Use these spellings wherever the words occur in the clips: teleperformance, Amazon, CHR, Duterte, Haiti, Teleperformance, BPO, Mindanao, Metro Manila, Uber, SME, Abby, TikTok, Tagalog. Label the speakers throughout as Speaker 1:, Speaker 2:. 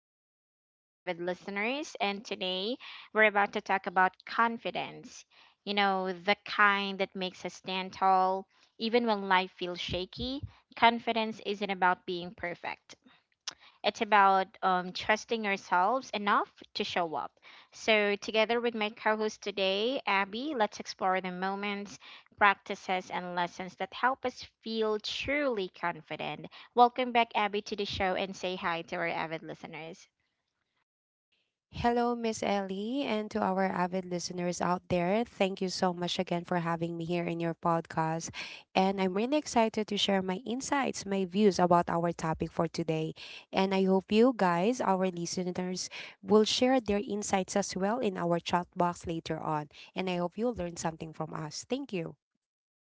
Speaker 1: Hello, our avid listeners. And today we're about to talk about confidence. The kind that makes us stand tall, even when life feels shaky. Confidence isn't about being perfect. It's about trusting ourselves enough to show up. So, together with my co host today, Abby, let's explore the moments, practices, and lessons that help us feel truly confident. Welcome back, Abby, to the show and say hi to our avid listeners.
Speaker 2: Hello, Miss Ellie, and to our avid listeners out there. Thank you so much again for having me here in your podcast. And I'm really excited to share my insights, my views about our topic for today. And I hope you guys, our listeners, will share their insights as well in our chat box later on. And I hope you'll learn something from us. Thank you.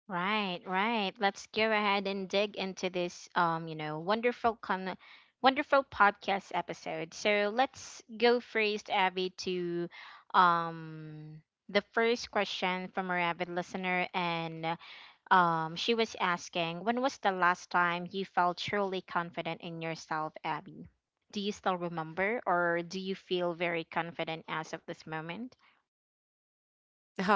Speaker 1: Right, right. Let's go ahead and dig into this wonderful podcast episode. So let's go first, Abby, to um the first question from our avid listener, and she was asking, when was the last time you felt truly confident in yourself, Abby? Do you still remember, or do you feel very confident as of this moment?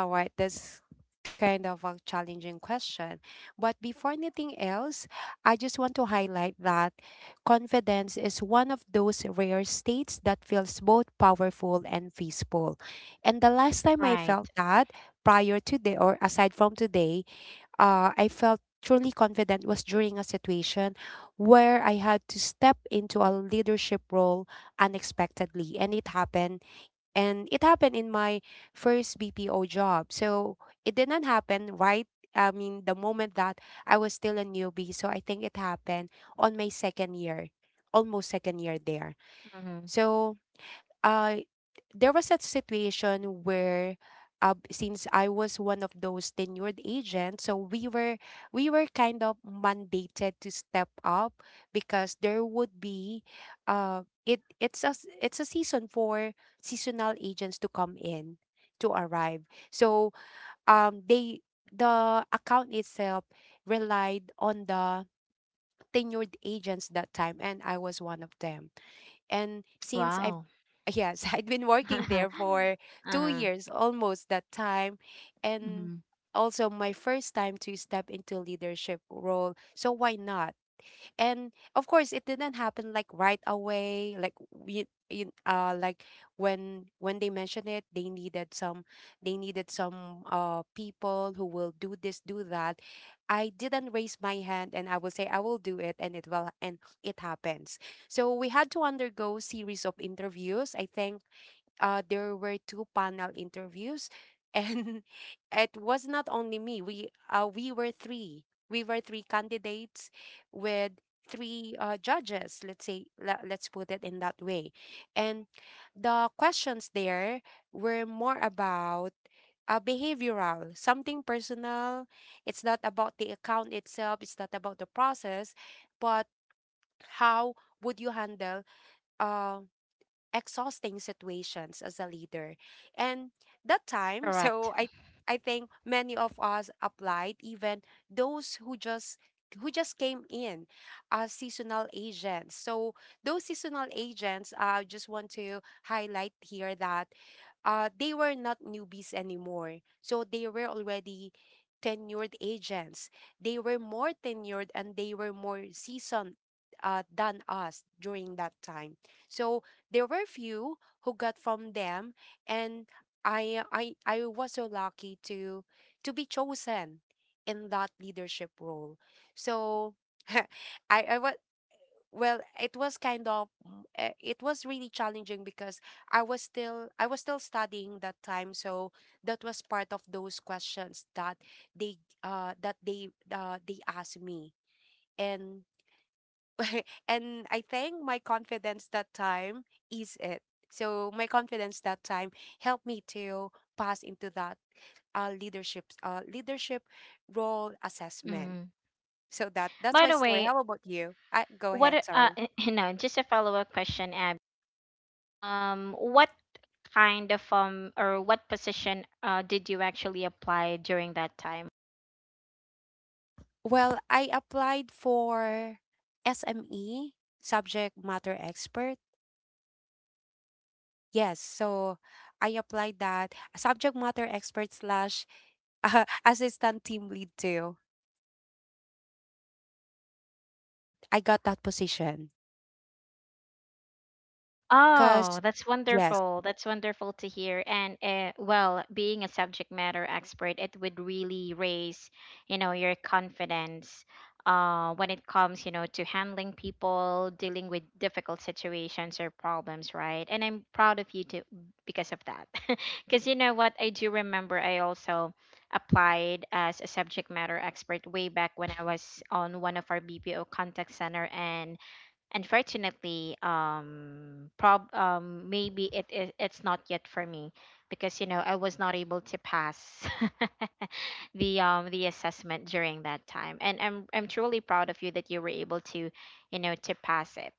Speaker 2: All right, that's kind of a challenging question. But before anything else, I just want to highlight that confidence is one of those rare states that feels both powerful and peaceful. And the last time I
Speaker 1: Right.
Speaker 2: felt that, prior to the or aside from today, I felt truly confident was during a situation where I had to step into a leadership role unexpectedly. And it happened in my first BPO job. So it didn't happen right. I mean, the moment that I was still a newbie. So I think it happened on my second year, almost second year there.
Speaker 1: Mm-hmm.
Speaker 2: So uh, there was a situation where since I was one of those tenured agents, so we were kind of mandated to step up because there would be it's a season for seasonal agents to come in to arrive. So they the account itself relied on the tenured agents that time and I was one of them. And since I've
Speaker 1: Wow.
Speaker 2: yes, I'd been working there for two
Speaker 1: Uh-huh.
Speaker 2: years almost that time.
Speaker 1: Mm-hmm.
Speaker 2: And also my first time to step into leadership role. So why not? And of course it didn't happen like right away like we you, like when they mentioned it they needed some people who will do this do that. I didn't raise my hand and I will say I will do it and it will and it happens. So we had to undergo series of interviews. I think there were two panel interviews, and it was not only me. We were three. We were three candidates with three judges. Let's say let's put it in that way, and the questions there were more about. Behavioral, something personal. It's not about the account itself. It's not about the process, but how would you handle uh, exhausting situations as a leader? And that time,
Speaker 1: Correct.
Speaker 2: so I think many of us applied, even those who just came in as seasonal agents. So those seasonal agents, I just want to highlight here that they were not newbies anymore. So they were already tenured agents. They were more tenured and they were more seasoned than us during that time. So there were few who got from them and I was so lucky to be chosen in that leadership role. So I was well it was kind of it was really challenging because I was still studying that time so that was part of those questions that they asked me. And and I think my confidence that time is it. So my confidence that time helped me to pass into that leadership role assessment.
Speaker 1: Mm.
Speaker 2: So
Speaker 1: By
Speaker 2: that's my
Speaker 1: the
Speaker 2: story.
Speaker 1: way,
Speaker 2: How about you? Go
Speaker 1: what a-
Speaker 2: ahead.
Speaker 1: uh
Speaker 2: Sorry.
Speaker 1: just a follow-up question, Ab. What kind of or what position did you actually apply during that time?
Speaker 2: Well, I applied for SME subject matter expert. Yes, so I applied that subject matter expert slash assistant team lead too. I got that position
Speaker 1: Oh,
Speaker 2: because
Speaker 1: that's
Speaker 2: yes,
Speaker 1: wonderful. That's wonderful to hear. And well, being a subject matter expert, it would really raise, you know, your confidence when it comes, you know, to handling people, dealing with difficult situations or problems, right? And I'm proud of you too because of that. Because you know what, I do remember I also applied as a subject matter expert way back when I was on one of our BPO contact center. And unfortunately, prob maybe it's not yet for me because you know I was not able to pass the assessment during that time, and I'm truly proud of you that you were able to pass it,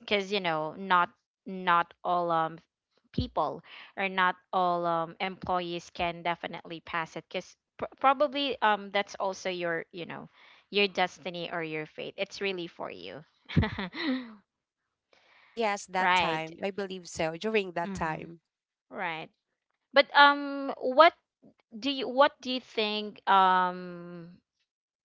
Speaker 1: because you know not all people, or not all employees, can definitely pass it because probably that's also your destiny, or your fate. It's really for you.
Speaker 2: yes, that
Speaker 1: Right.
Speaker 2: time. I believe so, during that
Speaker 1: Mm-hmm.
Speaker 2: time.
Speaker 1: Right. But what do you think, um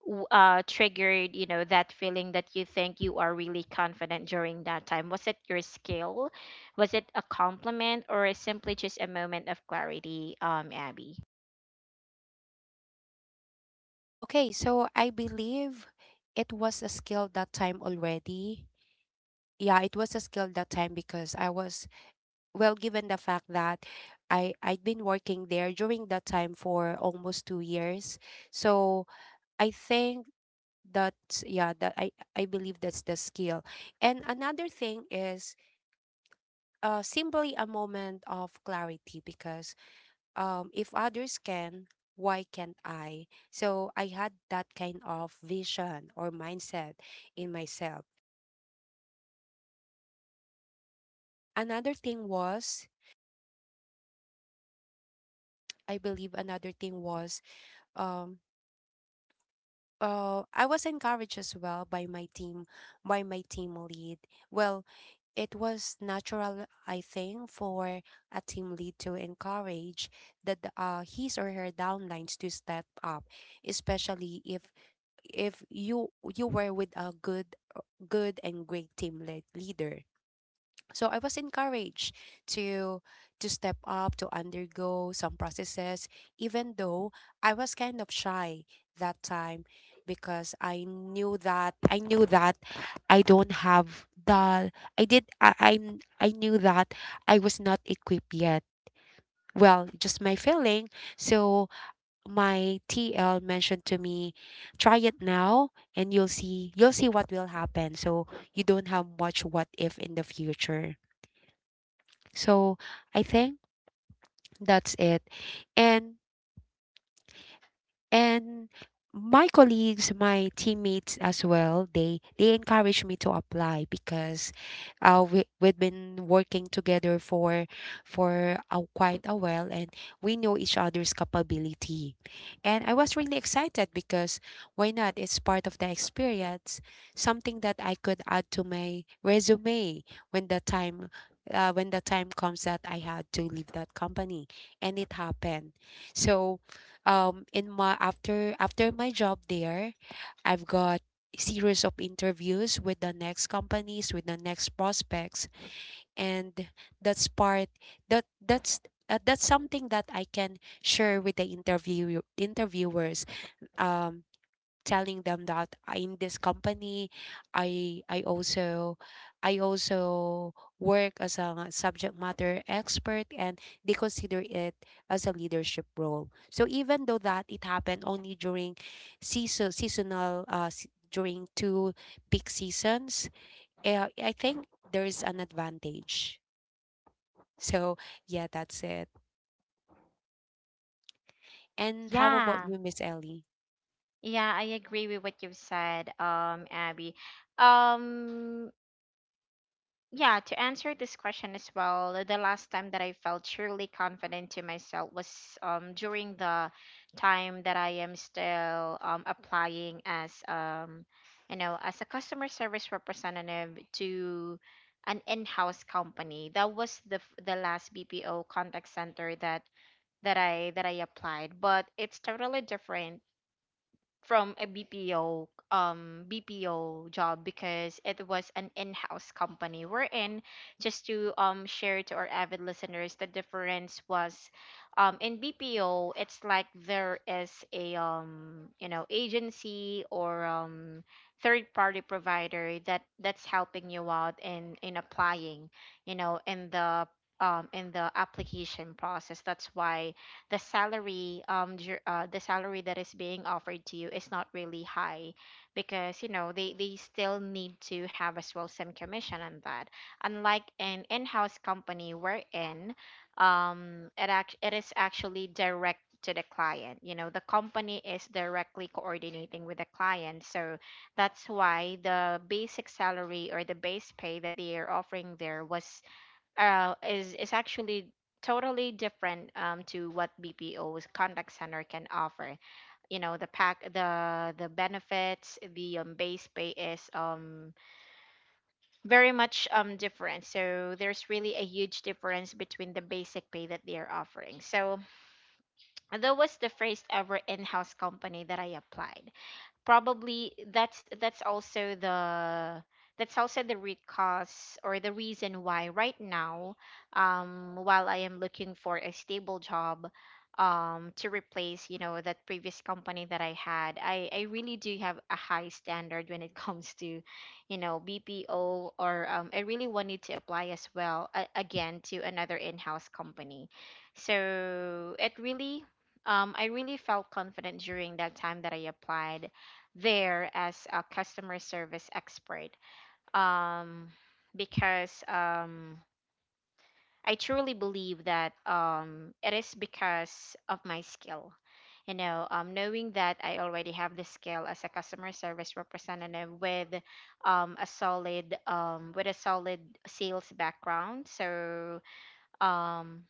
Speaker 1: w- uh triggered, that feeling that you think you are really confident during that time? Was it your skill? Was it a compliment, or simply just a moment of clarity, Abby?
Speaker 2: Okay, so I believe it was a skill that time already. Yeah, it was a skill that time because I was, well, given the fact that I'd been working there during that time for almost 2 years. So I think that yeah, that I believe that's the skill. And another thing is simply a moment of clarity because if others can, why can't I? So I had that kind of vision or mindset in myself. Another thing was, I believe another thing was, um, I was encouraged as well by my team lead. Well, it was natural, I think, for a team lead to encourage that his or her downlines to step up, especially if if you you were with a good good and great team lead, leader. So I was encouraged to to step up to undergo some processes even though I was kind of shy that time because I knew that I don't have the I did I, I'm I knew that I was not equipped yet, well, just my feeling. So my TL mentioned to me, try it now and you'll see what will happen. So you don't have much what if in the future. So I think that's it. And and my colleagues my teammates as well they encourage me to apply because we've been working together for a, quite a while and we know each other's capability. And I was really excited because why not? It's part of the experience, something that I could add to my resume when the time when the time comes that I had to leave that company. And it happened. So in my after after my job there, I've got series of interviews with the next companies with the next prospects. And that's part that that's that's something that I can share with the interviewers. Um, Telling them that, "I- in this company i i also I also work as a subject matter expert, and they consider it as a leadership role. So even though that it happened only during seasonal during two peak seasons, I think there's an advantage." So yeah, that's it. And how about
Speaker 1: Yeah.
Speaker 2: you, Miss Ellie?
Speaker 1: Yeah, I agree with what you've said, Abby. Um, Yeah, to answer this question as well, the last time that I felt truly confident to myself was during the time that I am still applying as a customer service representative to an in-house company. That was the last BPO contact center that that I applied, but it's totally different from a BPO, BPO job, because it was an in-house company we're in. Just to share to our avid listeners, the difference was, in BPO it's like there is a, agency or third party provider that that's helping you out in applying, you know, in the application process. That's why the salary that is being offered to you is not really high, because you know they still need to have as well some commission on that, unlike an in-house company we're in. It is actually direct to the client. You know, the company is directly coordinating with the client, so that's why the basic salary, or the base pay that they are offering there, was is actually totally different, to what BPO's contact center can offer. You know, the pack, the benefits, the base pay, is very much different. So there's really a huge difference between the basic pay that they are offering. So that was the first ever in-house company that I applied, probably that's also the root cause, or the reason why right now, while I am looking for a stable job, to replace, you know, that previous company that I had, I really do have a high standard when it comes to, you know, BPO, or I really wanted to apply as well, again to another in-house company. So it really, I really felt confident during that time that I applied there as a customer service expert, um, because, I truly believe that, it is because of my skill. You know, knowing that I already have the skill as a customer service representative with, a solid, sales background. So, um,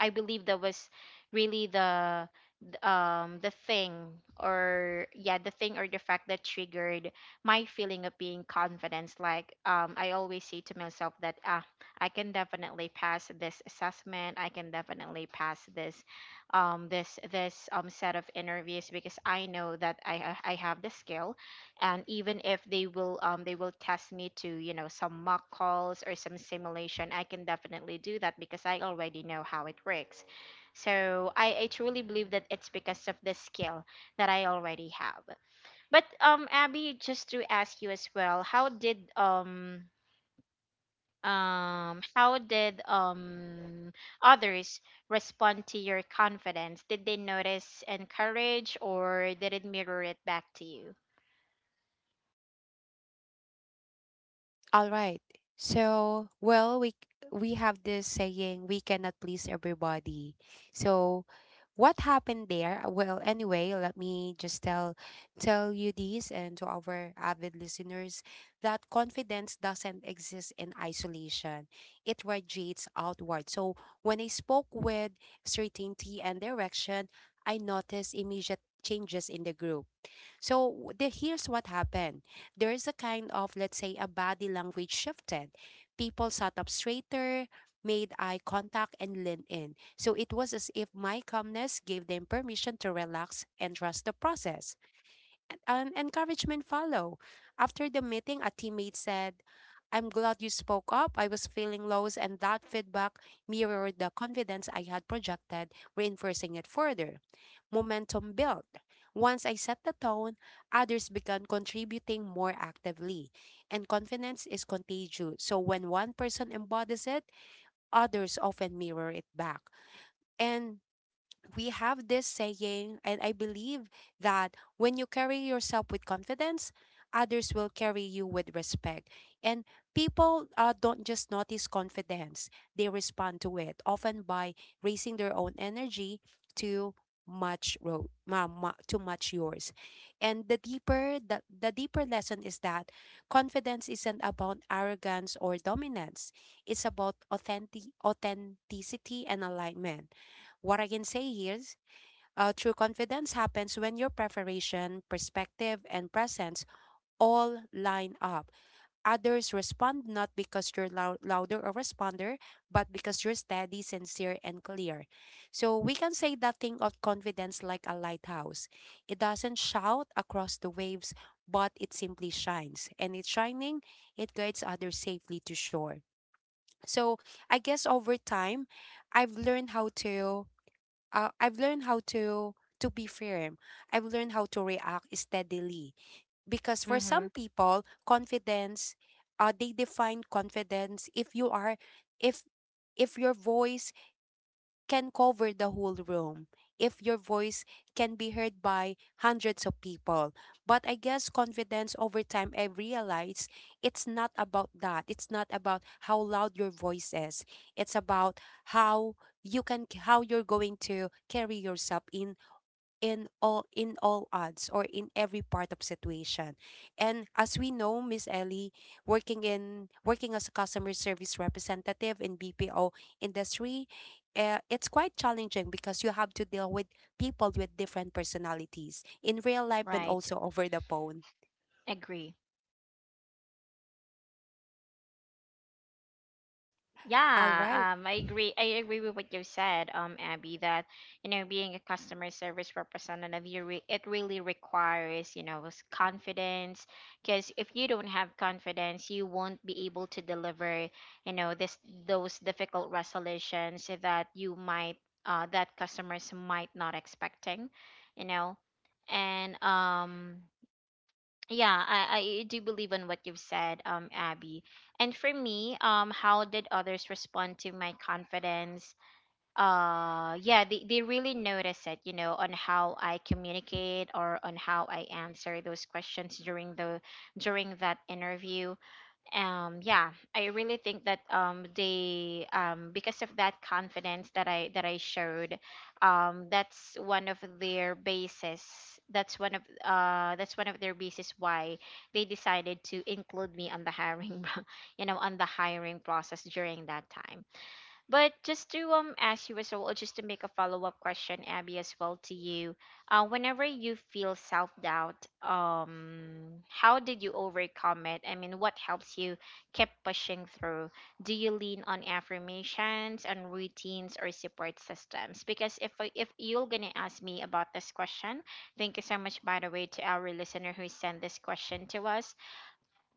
Speaker 1: I believe that was really the thing, or yeah, the thing, or the fact that triggered my feeling of being confidence, like, I always say to myself that, ah, I can definitely pass this assessment, I can definitely pass this set of interviews, because I know that I have the skill. And even if they will, they will test me to, you know, some mock calls or some simulation, I can definitely do that because I already know how it works. So I truly believe that it's because of the skill that I already have. But, Abby, just to ask you as well, how did um how did um others respond to your confidence? Did they notice and courage, or did it mirror it back to you?
Speaker 2: All right. So, well, we have this saying we cannot please everybody. So, what happened there? Well, anyway, let me just tell you this and to our avid listeners that confidence doesn't exist in isolation. It radiates outward. So, when I spoke with certainty and direction, I noticed immediate changes in the group. So here's what happened. There is a kind of, let's say, a body language shifted. People sat up straighter, made eye contact, and leaned in. So it was as if my calmness gave them permission to relax and trust the process, an encouragement follow. After the meeting, a teammate said, I'm glad you spoke up. I was feeling lows, and that feedback mirrored the confidence I had projected, reinforcing it further. Momentum built. Once I set the tone, others began contributing more actively. And confidence is contagious. So when one person embodies it, others often mirror it back. And we have this saying, and I believe that when you carry yourself with confidence, others will carry you with respect. And people don't just notice confidence, they respond to it, often by raising their own energy to much ro- ma- ma- to match yours. And the deeper lesson is that confidence isn't about arrogance or dominance, it's about authenticity and alignment. What I can say is, true confidence happens when your preparation, perspective, and presence all line up. Others respond not because you're louder or responder, but because you're steady, sincere, and clear. So we can say that thing of confidence like a lighthouse. It doesn't shout across the waves, but it simply shines. And it's shining, it guides others safely to shore. So I guess over time, I've learned how to I've learned how to be firm. I've learned how to react steadily because for
Speaker 1: Mm-hmm.
Speaker 2: some people, confidence, they define confidence if you are, if if your voice can cover the whole room, if your voice can be heard by hundreds of people. But I guess confidence over time, I realize it's not about that. It's not about how loud your voice is. It's about how you can, how you're going to carry yourself in in all odds or in every part of situation. And as we know, Miss Ellie, working as a customer service representative in BPO industry, it's quite challenging because you have to deal with people with different personalities in real life and
Speaker 1: Right.
Speaker 2: also over the phone.
Speaker 1: Agree.
Speaker 2: All right.
Speaker 1: Yeah, I agree. I agree with what you said, Abby, that, you know, being a customer service representative, you re it really requires, you know, confidence. Because if you don't have confidence, you won't be able to deliver, you know, this those difficult resolutions that, that customers might not expecting, you know. And yeah, I do believe in what you've said, Abby. And for me, how did others respond to my confidence? Yeah, they really notice it, you know, on how I communicate, or on how I answer those questions during the during that interview. Yeah, I really think that, they, because of that confidence that I showed, that's one of their bases. That's one of their bases why they decided to include me on the hiring on the hiring process during that time. But just to ask you as well, or just to make a follow up question, Abby, as well to you, whenever you feel self doubt, how did you overcome it? I mean, what helps you keep pushing through? Do you lean on affirmations and routines, or support systems? Because if you're gonna ask me about this question, thank you so much by the way to our listener who sent this question to us.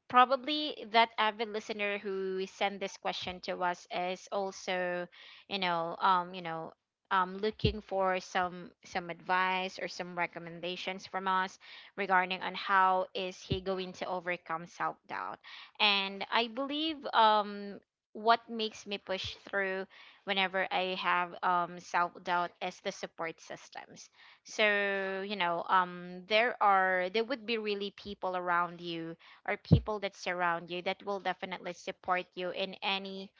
Speaker 1: Probably that avid listener who sent this question to us is also, you know um you know looking for some advice or some recommendations from us, regarding on how is he going to overcome self doubt. And I believe, what makes me push through whenever I have, self doubt, is the support systems. So you know, there would be really people around you, or people that surround you, that will definitely support you in any,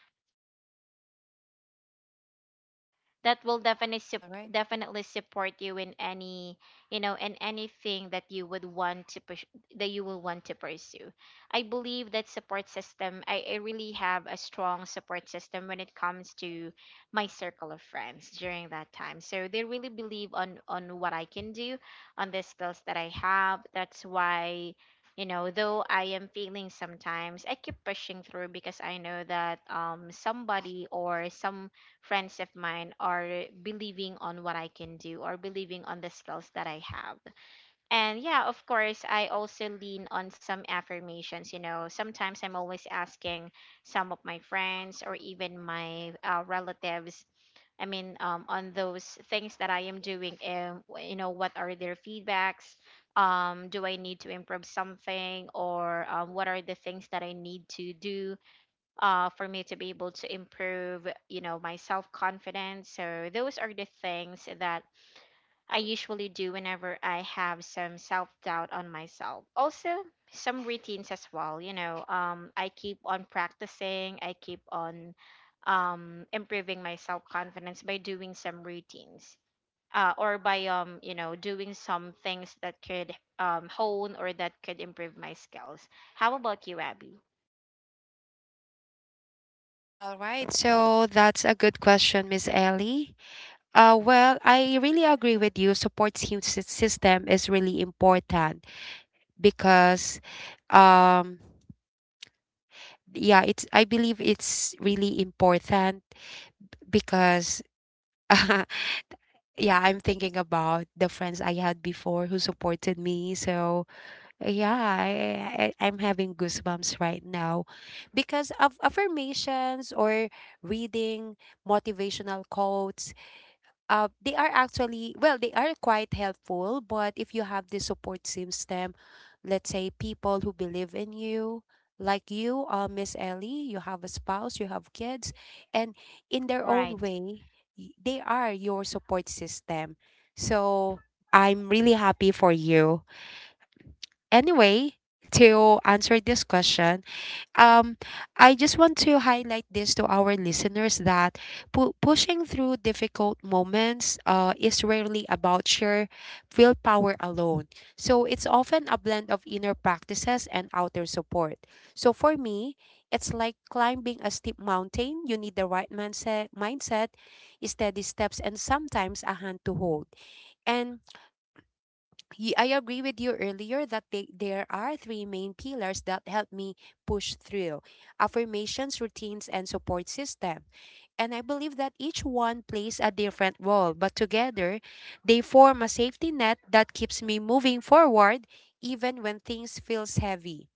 Speaker 1: that will definitely
Speaker 2: All
Speaker 1: sup-
Speaker 2: right.
Speaker 1: definitely support you in any, you know, in anything that you would want to push, that you will want to pursue. I believe that support system, I really have a strong support system when it comes to my circle of friends during that time, so they really believe on what I can do, on the skills that I have. That's why, you know, though I am failing sometimes, I keep pushing through because I know that, somebody, or some friends of mine, are believing on what I can do, or believing on the skills that I have. And yeah, of course, I also lean on some affirmations. You know, sometimes I'm always asking some of my friends, or even my, relatives. I mean, on those things that I am doing, you know, what are their feedbacks? Do I need to improve something, or what are the things that I need to do, for me to be able to improve, you know, my self confidence? So those are the things that I usually do whenever I have some self doubt on myself. Also, some routines as well. You know, I keep on practicing. I keep on, improving my self confidence by doing some routines. Or by, doing some things that could, hone, or that could improve my skills. How about you, Abby?
Speaker 2: All right. So that's a good question, Miss Ellie. Well, I really agree with you. Support system is really important because um yeah, it's I believe it's really important because yeah, I'm thinking about the friends I had before who supported me. So yeah, I I'm having goosebumps right now because of affirmations or reading motivational quotes. They are actually, well, they are quite helpful, but if you have the support system, let's say people who believe in you, like you, Miss Ellie, you have a spouse, you have kids, and in their own
Speaker 1: Right.
Speaker 2: way, they are your support system. So I'm really happy for you. Anyway, to answer this question, um I just want to highlight this to our listeners that pushing through difficult moments is rarely about sheer willpower alone. So it's often a blend of inner practices and outer support. So for me, it's like climbing a steep mountain. You need the right mindset, steady steps, and sometimes a hand to hold. And I agree with you earlier that there are three main pillars that help me push through: affirmations, routines, and support system. And I believe that each one plays a different role, but together they form a safety net that keeps me moving forward even when things feels heavy.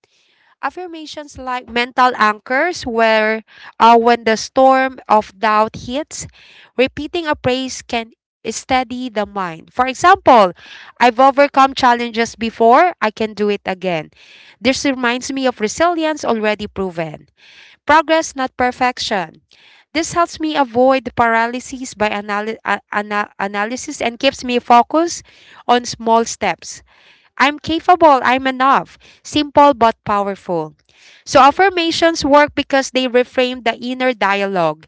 Speaker 2: Affirmations like mental anchors, where when the storm of doubt hits, repeating a praise can steady the mind. For example, I've overcome challenges before, I can do it again. This reminds me of resilience already proven. Progress, not perfection. This helps me avoid paralysis by analysis and keeps me focused on small steps. I'm capable, I'm enough. Simple but powerful. So affirmations work because they reframe the inner dialogue.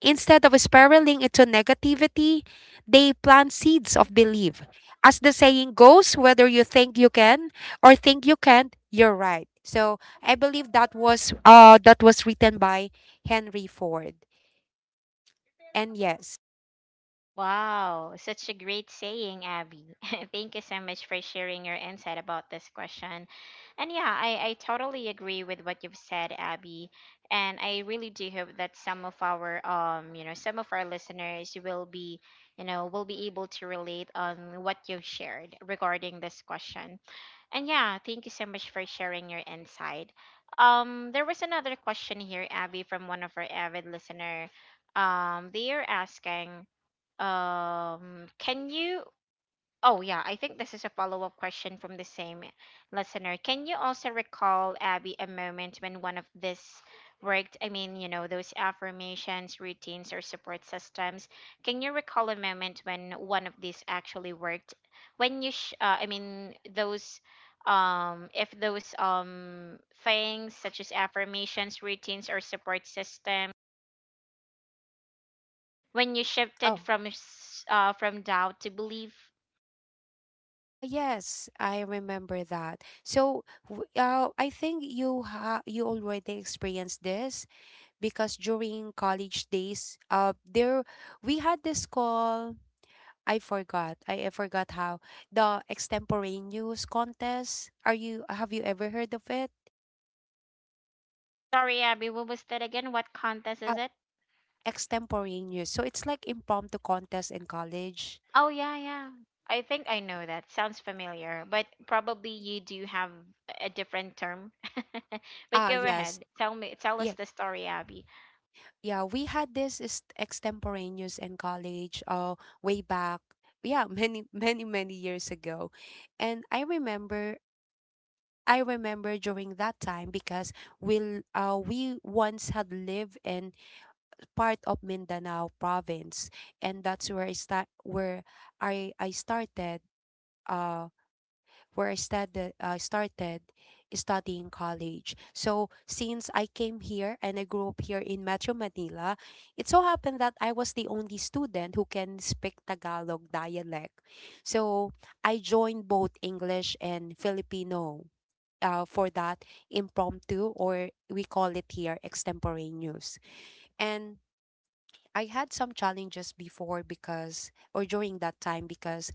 Speaker 2: Instead of spiraling into negativity, they plant seeds of belief. As the saying goes, whether you think you can or think you can't, you're right. So I believe that was written by Henry Ford. And yes.
Speaker 1: Wow, such a great saying, Abby. Thank you so much for sharing your insight about this question. And yeah, I totally agree with what you've said, Abby. And I really do hope that some of our listeners will be, you know, will be able to relate on what you've shared regarding this question. And yeah, thank you so much for sharing your insight. There was another question here, Abby, from one of our avid listener. They are asking. Can you? Oh, yeah, I think this is a follow up question from the same listener. Can you also recall, Abby, a moment when one of this worked? I mean, you know, those affirmations, routines, or support systems. Can you recall a moment when one of these actually worked? I mean, those, if those things such as affirmations, routines, or support systems, when you shifted
Speaker 2: Oh.
Speaker 1: from from doubt to belief.
Speaker 2: Ah yes, I remember that. So, I think you already experienced this because during college days, there we had this call. I forgot. I forgot how the extemporaneous contest. Are you have you ever heard of it?
Speaker 1: Sorry, Abby, what was that again? What contest
Speaker 2: Uh,
Speaker 1: is it?
Speaker 2: extemporaneous. So it's like impromptu contest in college.
Speaker 1: Oh, yeah, yeah. I think I know that. Sounds familiar, but probably you do have a different term. But
Speaker 2: Ah
Speaker 1: go
Speaker 2: yes.
Speaker 1: ahead. Tell me, tell us
Speaker 2: Yeah,
Speaker 1: the story, Abby.
Speaker 2: yeah, we had this is extemporaneous in college way back. Yeah, many, many, many years ago. And I remember during that time because we once had lived in part of Mindanao province, and that's where I started uh where I studied, started studying college. So since I came here and I grew up here in Metro Manila, it so happened that I was the only student who can speak Tagalog dialect. So I joined both English and Filipino. For that impromptu, or we call it here extemporaneous, and I had some challenges before because, or during that time because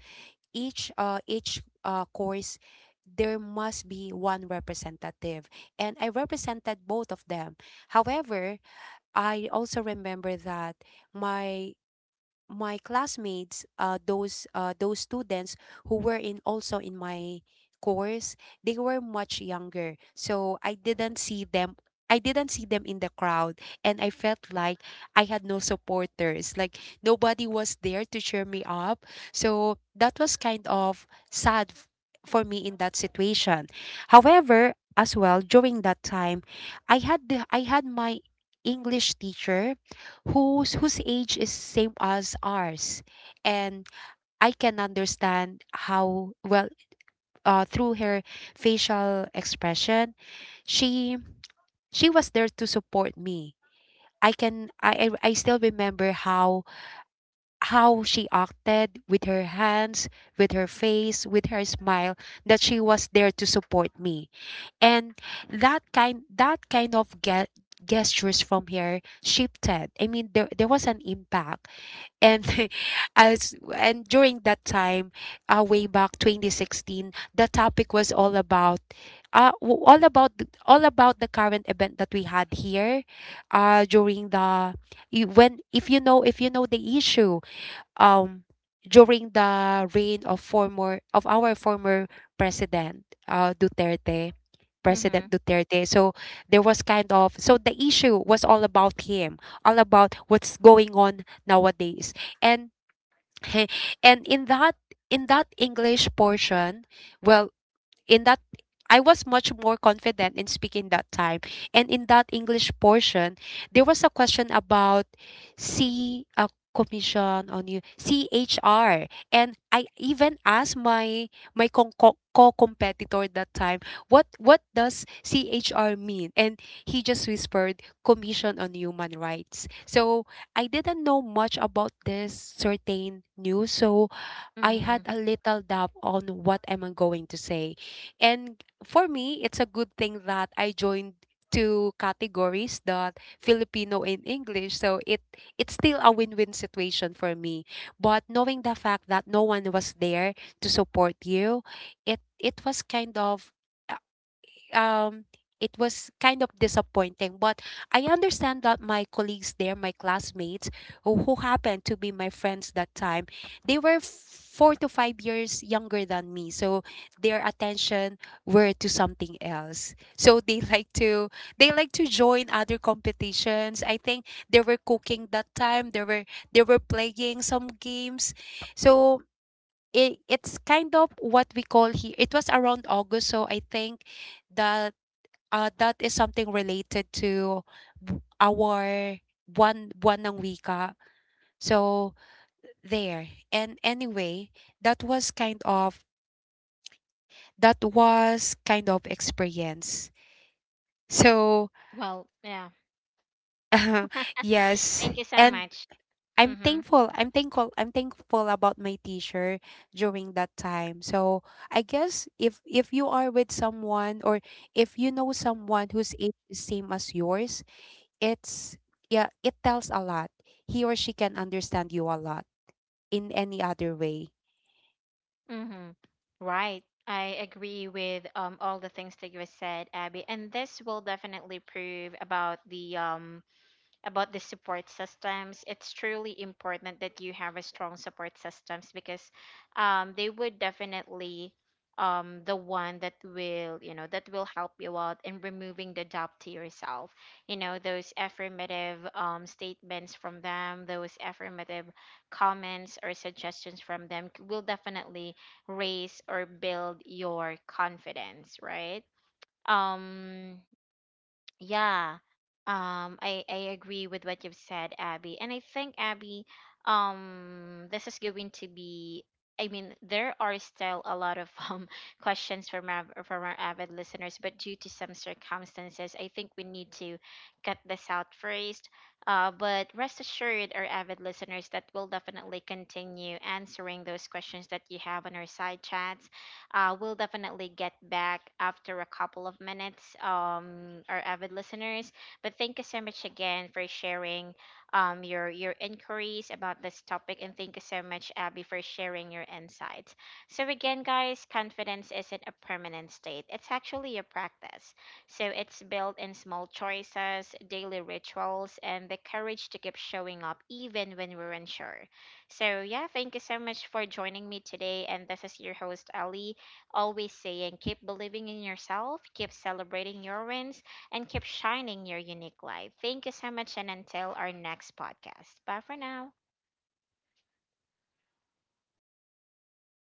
Speaker 2: each course there must be one representative, and I represented both of them. However, I also remember that my my classmates, those students who were in also in my course, they were much younger. So I didn't see them. I didn't see them in the crowd, and I felt like I had no supporters. Like nobody was there to cheer me up. So that was kind of sad for me in that situation. However, as well during that time, I had my English teacher whose age is same as ours, and I can understand how well, through her facial expression, she she was there to support me. I can I still remember how she acted with her hands, with her face, with her smile, that she was there to support me. And that kind of gestures from her shifted, I mean, there was an impact. And as and during that time, way back 2016, the topic was all about all about the current event that we had here during the when, if you know, if you know the issue, um during the reign of former of our former president Duterte, President
Speaker 1: Mm-hmm.
Speaker 2: Duterte. So there was kind of, so the issue was all about him, all about what's going on nowadays. And and in that English portion, well, in that I was much more confident in speaking that time. And in that English portion, there was a question about C commission on you CHR, and I even asked my co-competitor that time what does CHR mean, and he just whispered commission on human rights. So I didn't know much about this certain news, so I had
Speaker 1: Mm-hmm.
Speaker 2: a little doubt on what am I going to say. And for me, it's a good thing that I joined two categories, that Filipino and English. So it's still a win-win situation for me. But knowing the fact that no one was there to support you, it was kind of um it was kind of disappointing. But I understand that my colleagues there, my classmates who happened to be my friends that time, they were 4 to 5 years younger than me, so their attention were to something else. So they like to they like to join other competitions. I think they were cooking that time, they were playing some games. So it's kind of what we call here, it was around August, so I think that that is something related to our one ng wika. So there. And anyway, that was kind of that was kind of experience. So
Speaker 1: Well, yeah.
Speaker 2: yes,
Speaker 1: Thank you so
Speaker 2: and
Speaker 1: much. Mm-hmm.
Speaker 2: I'm thankful about my teacher during that time. So I guess if you are with someone, or if you know someone whose age is same as yours, it's yeah it tells a lot. He or she can understand you a lot in any other way.
Speaker 1: Mm-hmm. Right. I agree with all the things that you said, Abby. And this will definitely prove about the support systems. It's truly important that you have a strong support systems, because, they would definitely, the one that will, you know, that will help you out in removing the doubt to yourself, you know, those affirmative, statements from them, those affirmative comments or suggestions from them will definitely raise or build your confidence, right? um yeah, I agree with what you've said, Abby. And I think, Abby, this is going to be. I mean, there are still a lot of questions from our avid listeners, but due to some circumstances, I think we need to cut this out first. But rest assured, our avid listeners, that we'll definitely continue answering those questions that you have on our side chats. We'll definitely get back after a couple of minutes, our avid listeners. But thank you so much again for sharing, your inquiries about this topic. And thank you so much, Abby, for sharing your insights. So, again, guys, confidence isn't a permanent state, it's actually a practice. So, it's built in small choices, daily rituals, and the courage to keep showing up even when we're unsure. So, yeah, thank you so much for joining me today. And this is your host, Ali, always saying, keep believing in yourself, keep celebrating your wins, and keep shining your unique light. Thank you so much, and until our next podcast. Bye for now.